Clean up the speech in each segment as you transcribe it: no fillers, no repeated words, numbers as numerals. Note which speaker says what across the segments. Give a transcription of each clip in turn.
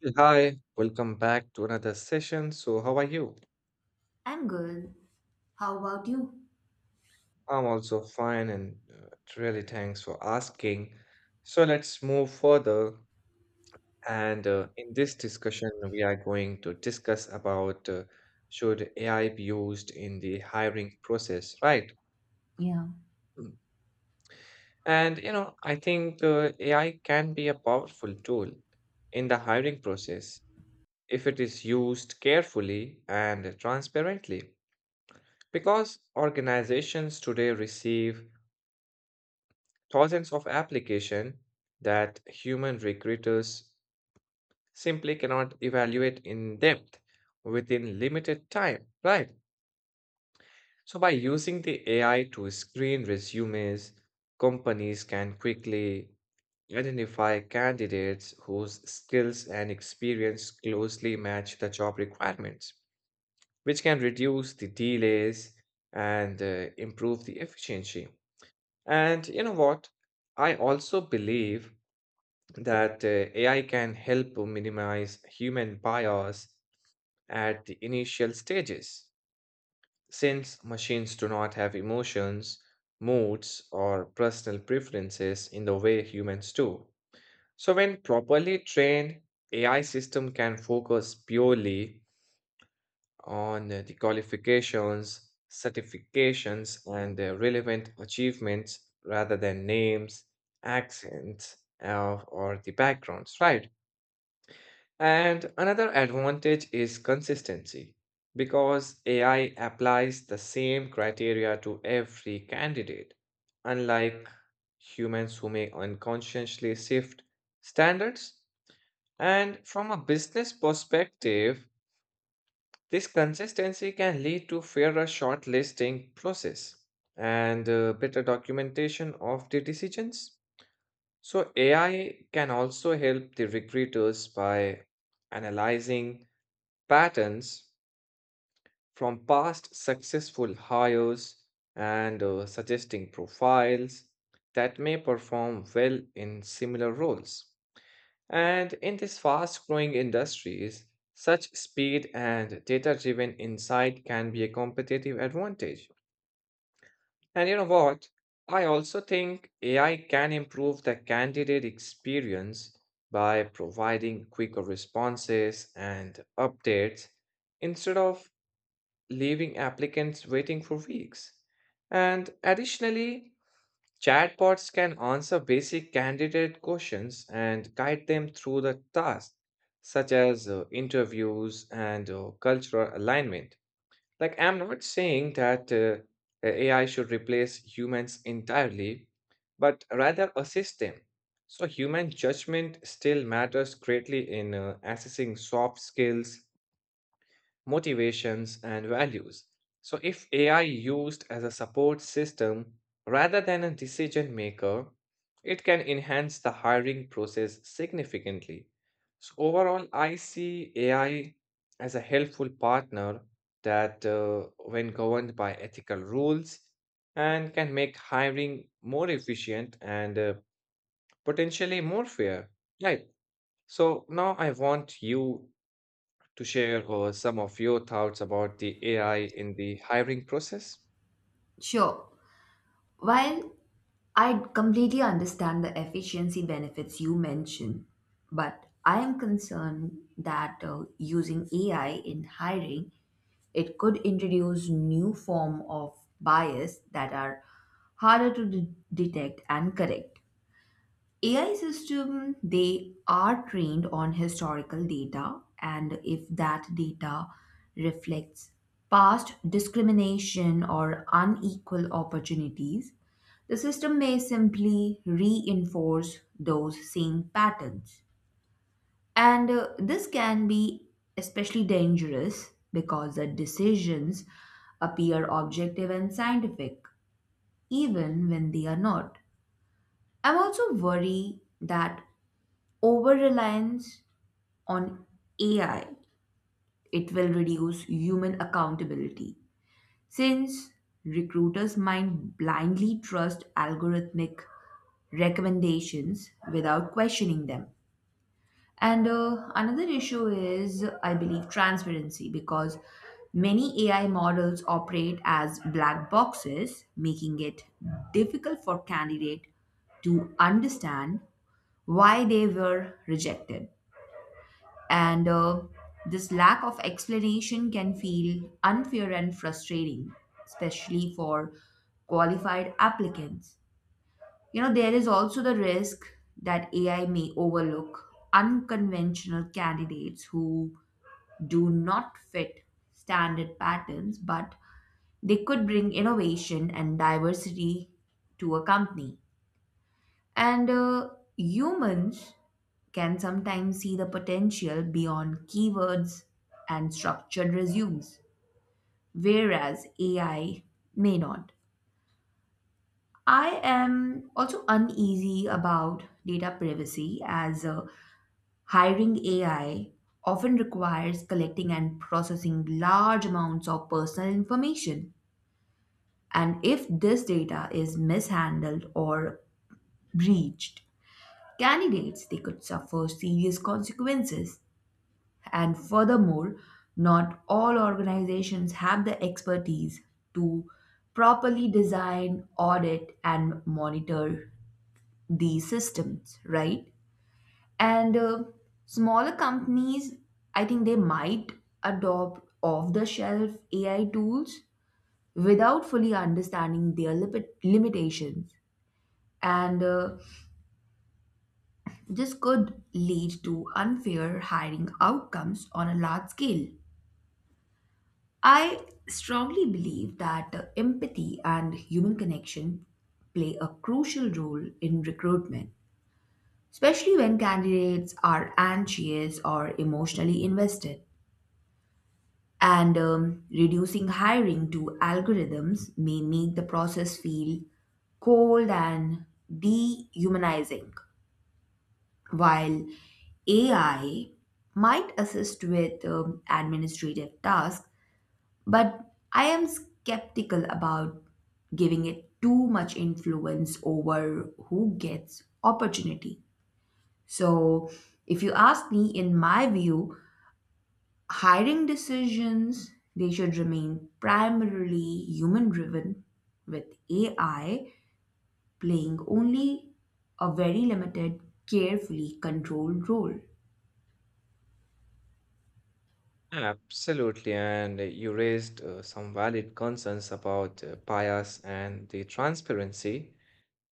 Speaker 1: Hey, hi, welcome back to another session. So, how are you?
Speaker 2: I'm good. How about you?
Speaker 1: I'm also fine, and really thanks for asking. So, let's move further. And in this discussion, we are going to discuss about should AI be used in the hiring process, right?
Speaker 2: Yeah,
Speaker 1: Mm. And you know, I think AI can be a powerful tool in the hiring process if it is used carefully and transparently. Because organizations today receive thousands of applications that human recruiters simply cannot evaluate in depth within limited time, right? So by using the AI to screen resumes, companies can quickly identify candidates whose skills and experience closely match the job requirements, which can reduce the delays and improve the efficiency. And you know what? I also believe that AI can help minimize human bias at the initial stages, since machines do not have emotions, moods, or personal preferences in the way humans do. So, when properly trained, AI system can focus purely on the qualifications, certifications, and relevant achievements rather than names, accents, or the backgrounds, right? And another advantage is consistency because AI applies the same criteria to every candidate, unlike humans who may unconsciously shift standards. And from a business perspective, this consistency can lead to fairer shortlisting process and better documentation of the decisions. So AI can also help the recruiters by analyzing patterns from past successful hires and suggesting profiles that may perform well in similar roles. And in these fast growing industries, such speed and data driven insight can be a competitive advantage. And you know what? I also think AI can improve the candidate experience by providing quicker responses and updates instead of leaving applicants waiting for weeks. And additionally, chatbots can answer basic candidate questions and guide them through the task, such as interviews and cultural alignment. Like, I'm not saying that AI should replace humans entirely, but rather assist them. So, human judgment still matters greatly in assessing soft skills motivations, and values. So, if AI used as a support system rather than a decision maker, it can enhance the hiring process significantly. So, overall, I see AI as a helpful partner that, when governed by ethical rules, and can make hiring more efficient and potentially more fair. Right. So now I want you to share some of your thoughts about the AI in the hiring process?
Speaker 2: sure. While I completely understand the efficiency benefits you mentioned, but I am concerned that using AI in hiring, it could introduce new form of bias that are harder to detect and correct. AI system they are trained on historical data, and if that data reflects past discrimination or unequal opportunities, the system may simply reinforce those same patterns. And this can be especially dangerous because the decisions appear objective and scientific even when they are not. I'm also worried that over reliance on AI, it will reduce human accountability, since recruiters might blindly trust algorithmic recommendations without questioning them. And another issue is, I believe, transparency, because many AI models operate as black boxes, making it difficult for candidate to understand why they were rejected. And this lack of explanation can feel unfair and frustrating, especially for qualified applicants. You know, there is also the risk that AI may overlook unconventional candidates who do not fit standard patterns, but they could bring innovation and diversity to a company. And humans can sometimes see the potential beyond keywords and structured resumes, whereas AI may not. I am also uneasy about data privacy, as hiring AI often requires collecting and processing large amounts of personal information. And if this data is mishandled or breached, candidates they could suffer serious consequences. And furthermore, not all organizations have the expertise to properly design, audit, and monitor these systems, right? And smaller companies, I think, they might adopt off the shelf AI tools without fully understanding their lipid limitations, and this could lead to unfair hiring outcomes on a large scale. I strongly believe that empathy and human connection play a crucial role in recruitment, especially when candidates are anxious or emotionally invested. And reducing hiring to algorithms may make the process feel cold and dehumanizing. While AI might assist with administrative tasks, but I am skeptical about giving it too much influence over who gets opportunity. So, if you ask me, in my view, hiring decisions they should remain primarily human driven, with AI playing only a very limited, carefully controlled role.
Speaker 1: Absolutely, and you raised some valid concerns about bias and the transparency.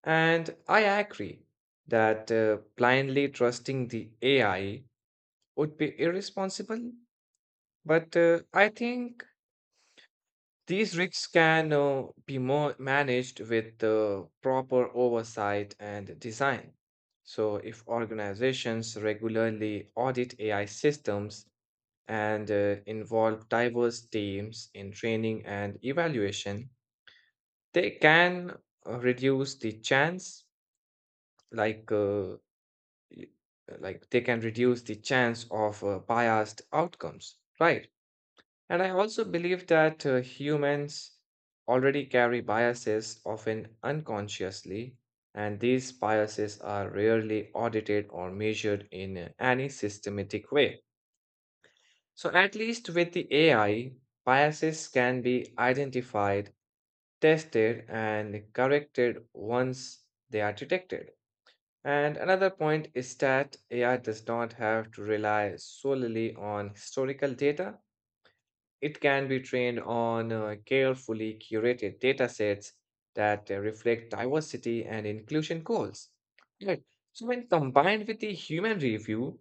Speaker 1: And I agree that blindly trusting the AI would be irresponsible. But I think these risks can be more managed with proper oversight and design. So, if organizations regularly audit AI systems and involve diverse teams in training and evaluation, they can reduce the chance, like uh, y- like they can reduce the chance of biased outcomes, right? And I also believe that humans already carry biases, often unconsciously, and these biases are rarely audited or measured in any systematic way. So, at least with the AI, biases can be identified, tested, and corrected once they are detected. And another point is that AI does not have to rely solely on historical data. It can be trained on carefully curated datasets that reflect diversity and inclusion goals. Right. So, when combined with the human review,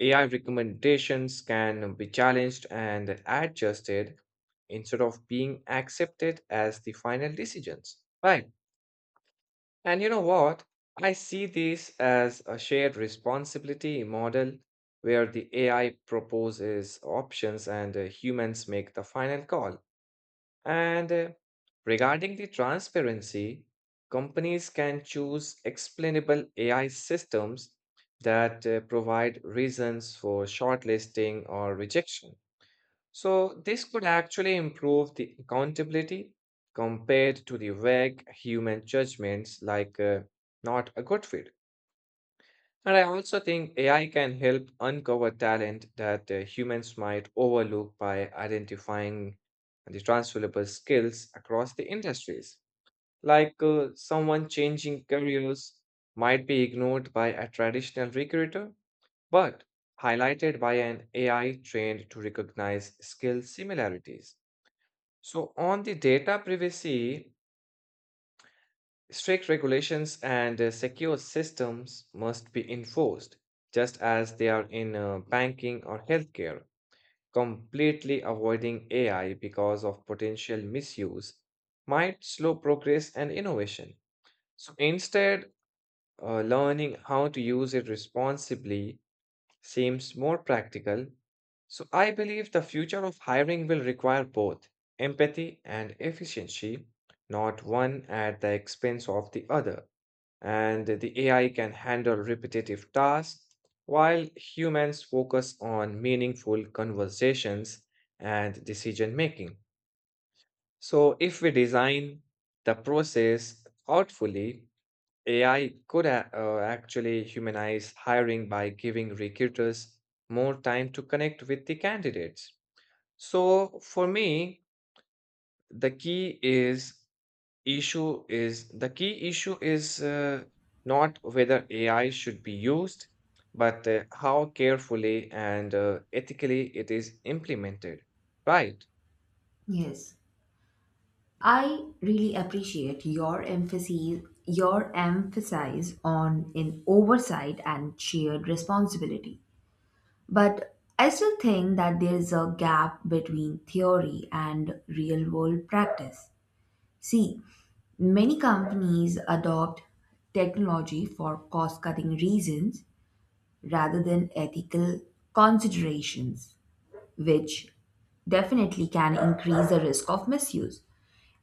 Speaker 1: AI recommendations can be challenged and adjusted instead of being accepted as the final decisions. Right. And you know what? I see this as a shared responsibility model where the AI proposes options and humans make the final call. And regarding the transparency, companies can choose explainable AI systems that provide reasons for shortlisting or rejection. So, this could actually improve the accountability compared to the vague human judgments like not a good fit. And I also think AI can help uncover talent that humans might overlook by identifying the transferable skills across the industries. Like someone changing careers might be ignored by a traditional recruiter, but highlighted by an AI trained to recognize skill similarities. So, on the data privacy, strict regulations and secure systems must be enforced, just as they are in banking or healthcare. Completely avoiding AI because of potential misuse might slow progress and innovation. So instead, learning how to use it responsibly seems more practical. So I believe the future of hiring will require both empathy and efficiency, not one at the expense of the other, and the AI can handle repetitive tasks while humans focus on meaningful conversations and decision making. So, if we design the process thoughtfully, AI could actually humanize hiring by giving recruiters more time to connect with the candidates. So, for me, the key is the key issue is not whether AI should be used, but how carefully and ethically it is implemented. Right.
Speaker 2: Yes. I really appreciate your emphasis on in oversight and shared responsibility. But I still think that there is a gap between theory and real world practice. See, many companies adopt technology for cost cutting reasons rather than ethical considerations, which definitely can increase the risk of misuse.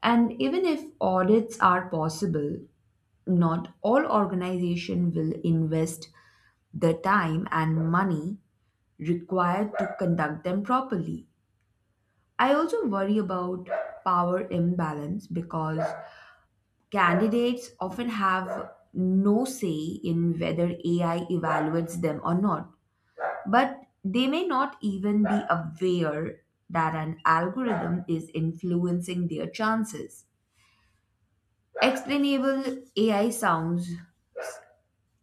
Speaker 2: And even if audits are possible, not all organization will invest the time and money required to conduct them properly. I also worry about power imbalance, because candidates often have no say in whether AI evaluates them or not. But they may not even be aware that an algorithm is influencing their chances. Explainable AI sounds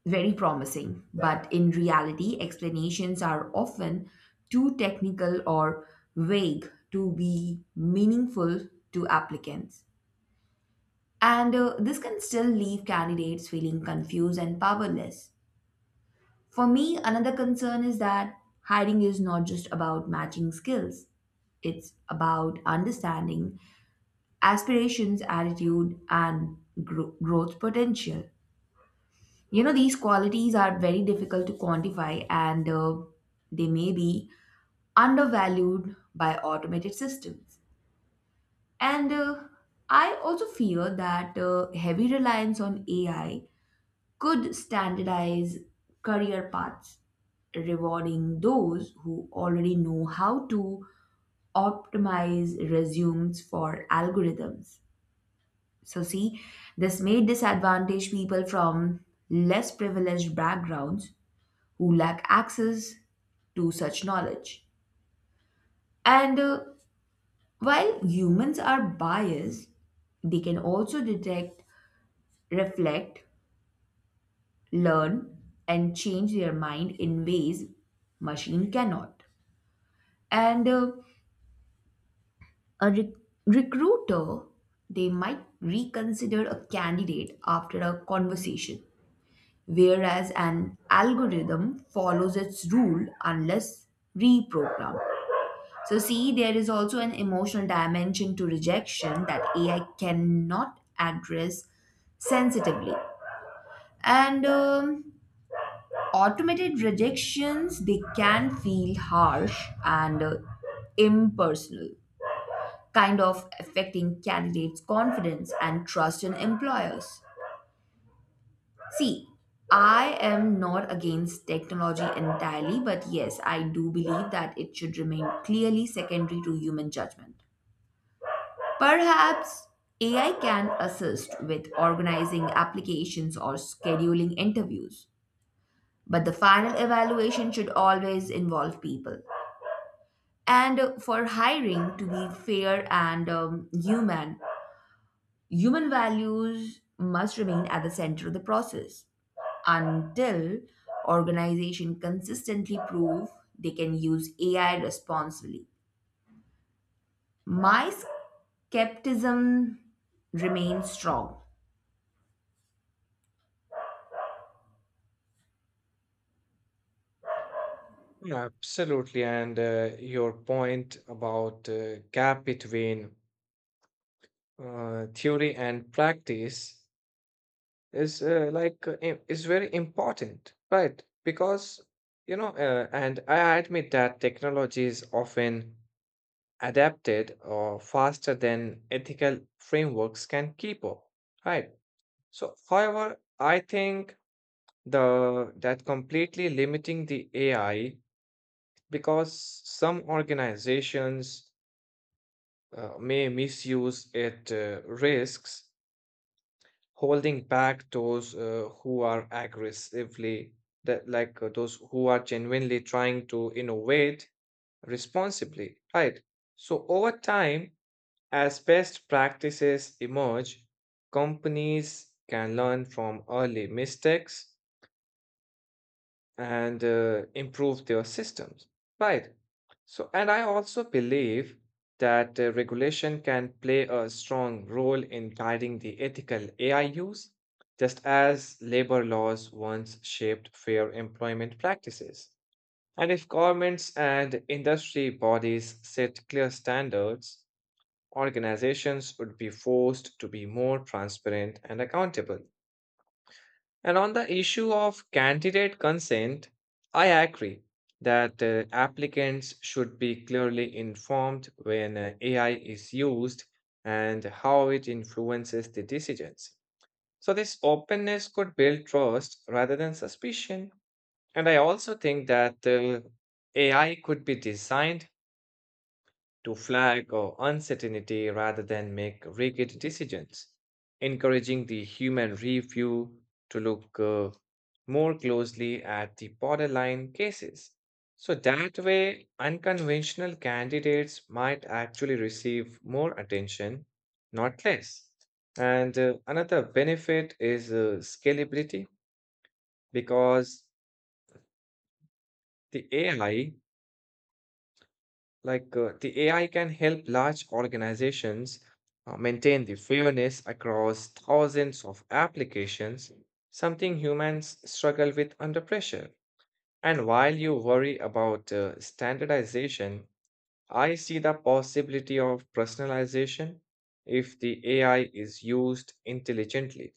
Speaker 2: very promising, but in reality, explanations are often too technical or vague to be meaningful to applicants. And this can still leave candidates feeling confused and powerless. For me, another concern is that hiring is not just about matching skills, it's about understanding aspirations, attitude, and growth potential. You know, these qualities are very difficult to quantify, and they may be undervalued by automated systems. And I also fear that heavy reliance on AI could standardize career paths, rewarding those who already know how to optimize resumes for algorithms. So, see, this may disadvantage people from less privileged backgrounds who lack access to such knowledge. And while humans are biased, they can also detect, reflect, learn, and change their mind in ways machine cannot. And a recruiter, they might reconsider a candidate after a conversation, whereas an algorithm follows its rule unless reprogrammed. So, see, there is also an emotional dimension to rejection that AI cannot address sensitively. And automated rejections, they can feel harsh and impersonal, kind of affecting candidates' confidence and trust in employers. See, I am not against technology entirely, but yes, I do believe that it should remain clearly secondary to human judgment. Perhaps AI can assist with organizing applications or scheduling interviews, but the final evaluation should always involve people. And for hiring to be fair and human, human values must remain at the center of the process until organization consistently prove they can use AI responsibly. My skepticism remains strong.
Speaker 1: Absolutely. And your point about gap between theory and practice is like im- is very important right because you know and I admit that technology is often adapted or faster than ethical frameworks can keep up right so however I think the that completely limiting the ai because some organizations may misuse it risks holding back those who are aggressively that like those who are genuinely trying to innovate responsibly right so over time as best practices emerge companies can learn from early mistakes and improve their systems right so and I also believe that regulation can play a strong role in guiding the ethical ai use just as labor laws once shaped fair employment practices and if governments and industry bodies set clear standards organizations would be forced to be more transparent and accountable and on the issue of candidate consent, I agree that applicants should be clearly informed when AI is used and how it influences the decisions. So, this openness could build trust rather than suspicion. And I also think that AI could be designed to flag or uncertainty rather than make rigid decisions, encouraging the human review to look more closely at the borderline cases. So that way, unconventional candidates might actually receive more attention, not less. And another benefit is scalability because the AI Like the AI can help large organizations maintain the fairness across thousands of applications, something humans struggle with under pressure. And while you worry about standardization, I see the possibility of personalization if the AI is used intelligently.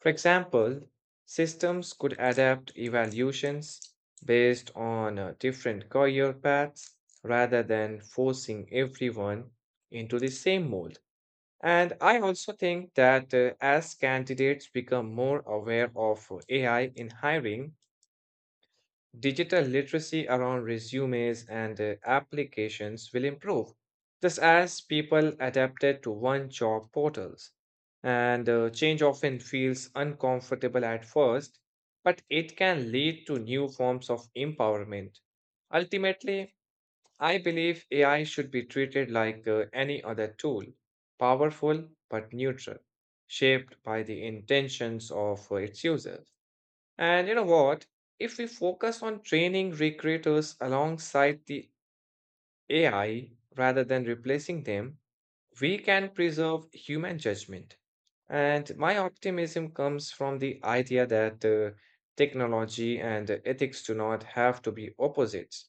Speaker 1: For example, systems could adapt evaluations based on different career paths rather than forcing everyone into the same mold. And I also think that as candidates become more aware of AI in hiring, Digital literacy around resumes and applications will improve, just as people adapted to one job portals. And change often feels uncomfortable at first, but it can lead to new forms of empowerment. Ultimately, I believe AI should be treated like any other tool, powerful but neutral, shaped by the intentions of its users. And you know what? If we focus on training recreators alongside the AI rather than replacing them, we can preserve human judgment. And my optimism comes from the idea that technology and ethics do not have to be opposites.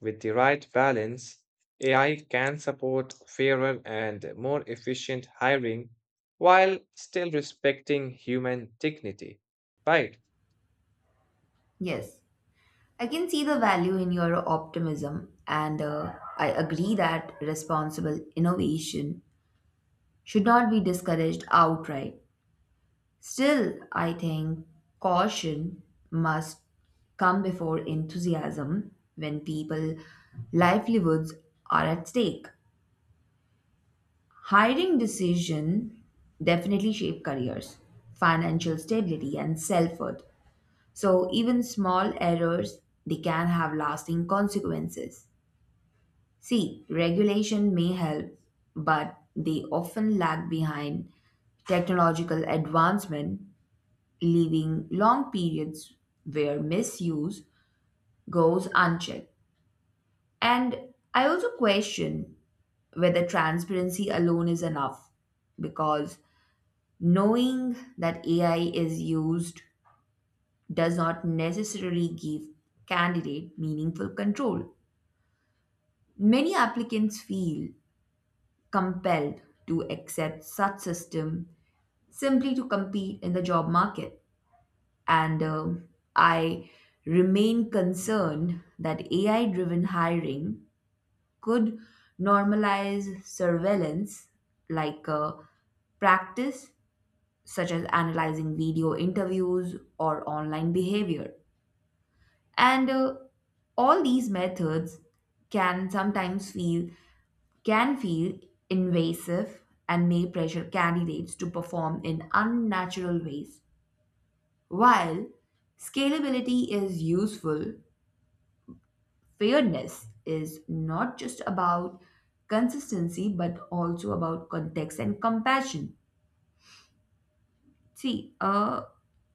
Speaker 1: With the right balance, AI can support fairer and more efficient hiring while still respecting human dignity, right.
Speaker 2: Yes. I can see the value in your optimism, and I agree that responsible innovation should not be discouraged outright. Still, I think caution must come before enthusiasm when people livelihoods are at stake. Hiring decision definitely shape careers, financial stability, and self-worth. So even small errors they can have lasting consequences. See, regulation may help, but they often lag behind technological advancement, leaving long periods where misuse goes unchecked. And I also question whether transparency alone is enough, because knowing that AI is used does not necessarily give candidate meaningful control. Many applicants feel compelled to accept such system simply to compete in the job market. And I remain concerned that AI driven hiring could normalize surveillance like practice, such as analyzing video interviews or online behavior. And all these methods can sometimes feel can feel invasive and may pressure candidates to perform in unnatural ways. While scalability is useful, fairness is not just about consistency but also about context and compassion. See, a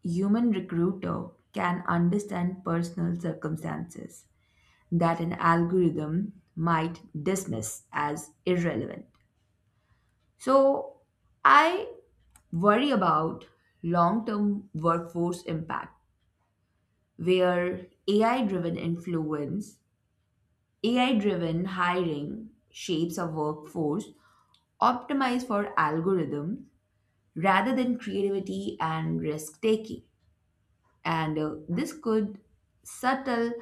Speaker 2: human recruiter can understand personal circumstances that an algorithm might dismiss as irrelevant. So, I worry about long term workforce impact where AI driven hiring shapes a workforce optimized for algorithms rather than creativity and risk taking. And this could subtle,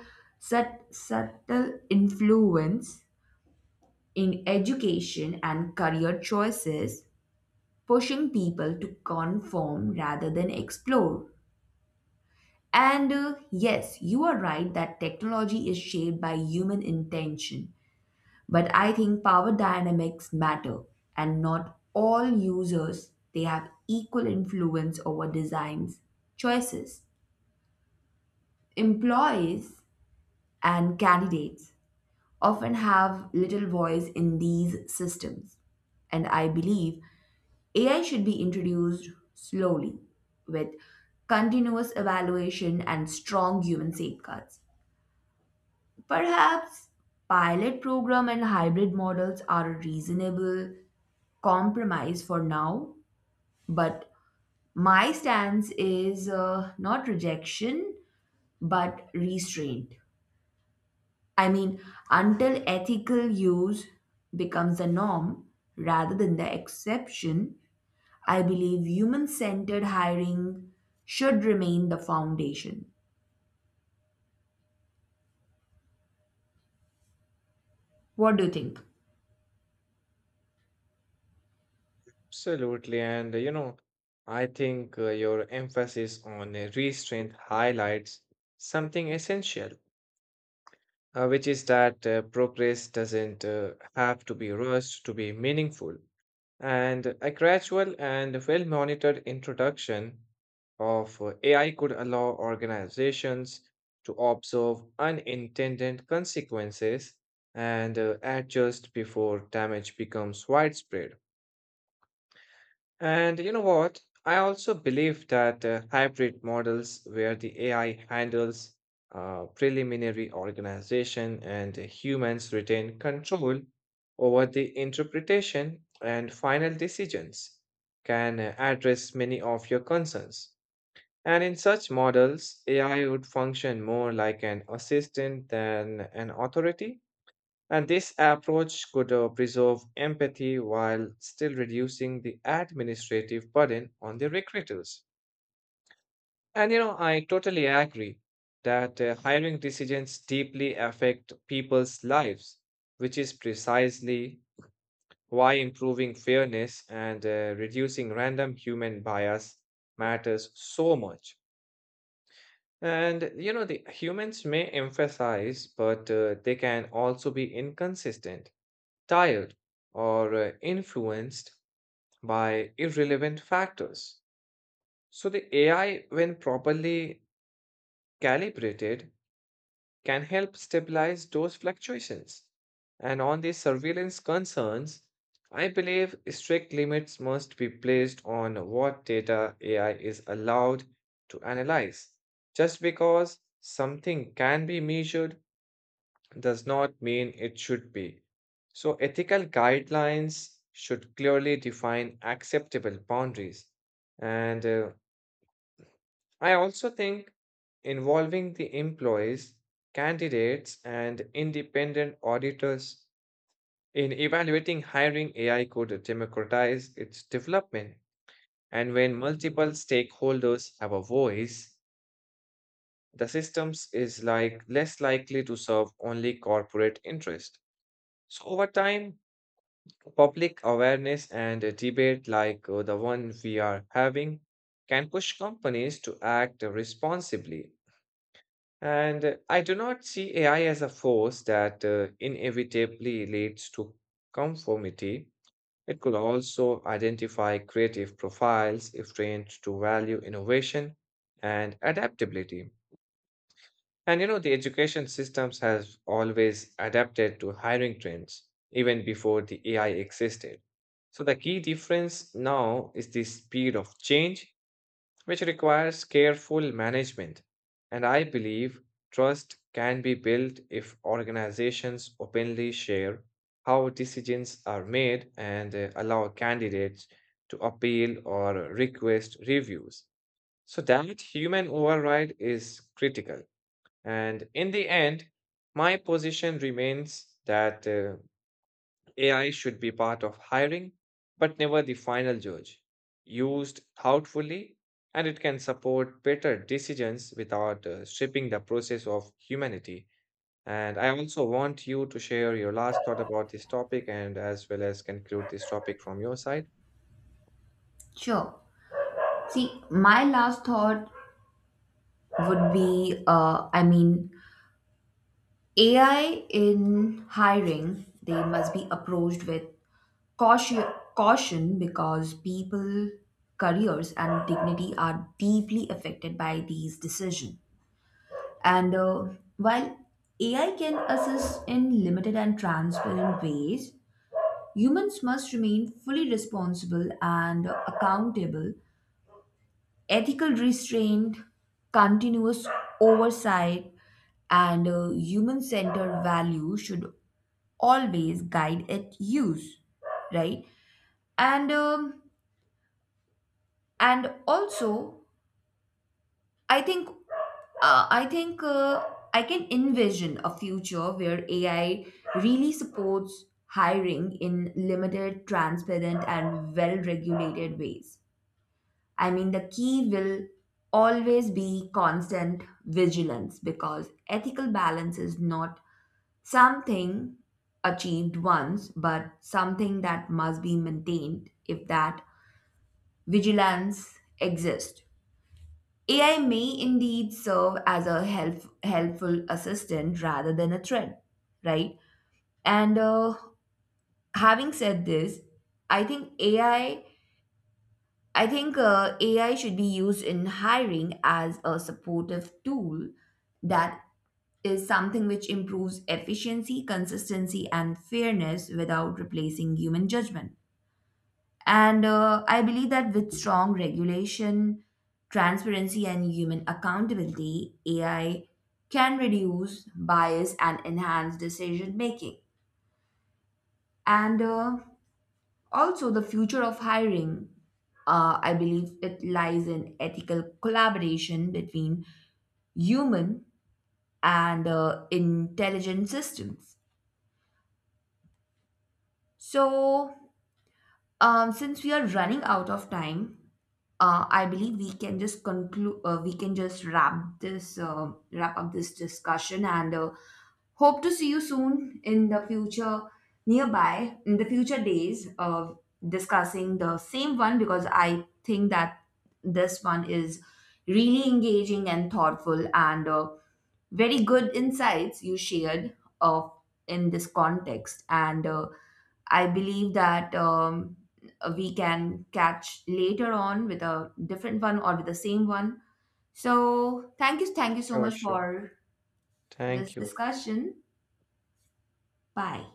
Speaker 2: subtle influence in education and career choices, pushing people to conform rather than explore. And yes, you are right that technology is shaped by human intention. But I think power dynamics matter, and not all users they have equal influence over designs, choices. Employees and candidates often have little voice in these systems. And I believe AI should be introduced slowly, with continuous evaluation and strong human safeguards. Perhaps pilot program and hybrid models are reasonable compromise for now, but my stance is not rejection but restraint. I mean, until ethical use becomes the norm rather than the exception, I believe human centered hiring should remain the foundation. What do you think?
Speaker 1: Absolutely. And you know, I think your emphasis on restraint highlights something essential, which is that progress doesn't have to be rushed to be meaningful. And a gradual and well monitored introduction of AI could allow organizations to observe unintended consequences and adjust before damage becomes widespread. And you know what? I also believe that hybrid models where the AI handles preliminary organization and humans retain control over the interpretation and final decisions can address many of your concerns. And in such models, AI would function more like an assistant than an authority, and this approach could preserve empathy while still reducing the administrative burden on the recruiters. And you know, I totally agree that hiring decisions deeply affect people's lives, which is precisely why improving fairness and reducing random human bias matters so much. And you know, the humans may emphasize, but they can also be inconsistent, tired, or influenced by irrelevant factors. So, the AI, when properly calibrated, can help stabilize those fluctuations. And on the surveillance concerns, I believe strict limits must be placed on what data AI is allowed to analyze. Just because something can be measured does not mean it should be. So, ethical guidelines should clearly define acceptable boundaries. And I also think involving the employees, candidates, and independent auditors in evaluating hiring AI could democratize its development. And when multiple stakeholders have a voice, the systems is like less likely to serve only corporate interest. So over time, public awareness and a debate like the one we are having can push companies to act responsibly. And I do not see AI as a force that inevitably leads to conformity. It could also identify creative profiles if trained to value innovation and adaptability. And you know, the education systems have always adapted to hiring trends even before the AI existed. So the key difference now is the speed of change, which requires careful management. And I believe trust can be built if organizations openly share how decisions are made and allow candidates to appeal or request reviews. So that human override is critical. And in the end, my position remains that AI should be part of hiring, but never the final judge. Used thoughtfully, and it can support better decisions without stripping the process of humanity. And I also want you to share your last thought about this topic and as well as conclude this topic from your side.
Speaker 2: Sure. See, my last thought would be I mean, AI in hiring, they must be approached with Caution, caution because people, careers, and dignity are deeply affected by these decisions. And while AI can assist in limited and transparent ways, humans must remain fully responsible and accountable. Ethical restraint, continuous oversight, and human centered value should always guide its use, right? And um and also, i think I think, I can envision a future where AI really supports hiring in limited, transparent, and well regulated ways. I mean, the key will always be constant vigilance, because ethical balance is not something achieved once but something that must be maintained. If that vigilance exists, AI may indeed serve as a helpful assistant rather than a threat, right? And having said this, I think AI, I I think uh, AI should be used in hiring as a supportive tool that is something which improves efficiency, consistency, and fairness without replacing human judgment. And I believe that with strong regulation, transparency, and human accountability, AI can reduce bias and enhance decision making. And also, the future of hiring, I believe it lies in ethical collaboration between human and intelligent systems. So, since we are running out of time, I believe we can just conclude. We can just wrap up this discussion, and hope to see you soon in the future, nearby in the future days of discussing the same one, because I think that this one is really engaging and thoughtful, and very good insights you shared uh, in this context and. I believe that we can catch later on with a different one or with the same one. So thank you so
Speaker 1: Sure,
Speaker 2: much
Speaker 1: sure.
Speaker 2: for this
Speaker 1: Thank you.
Speaker 2: discussion. Bye.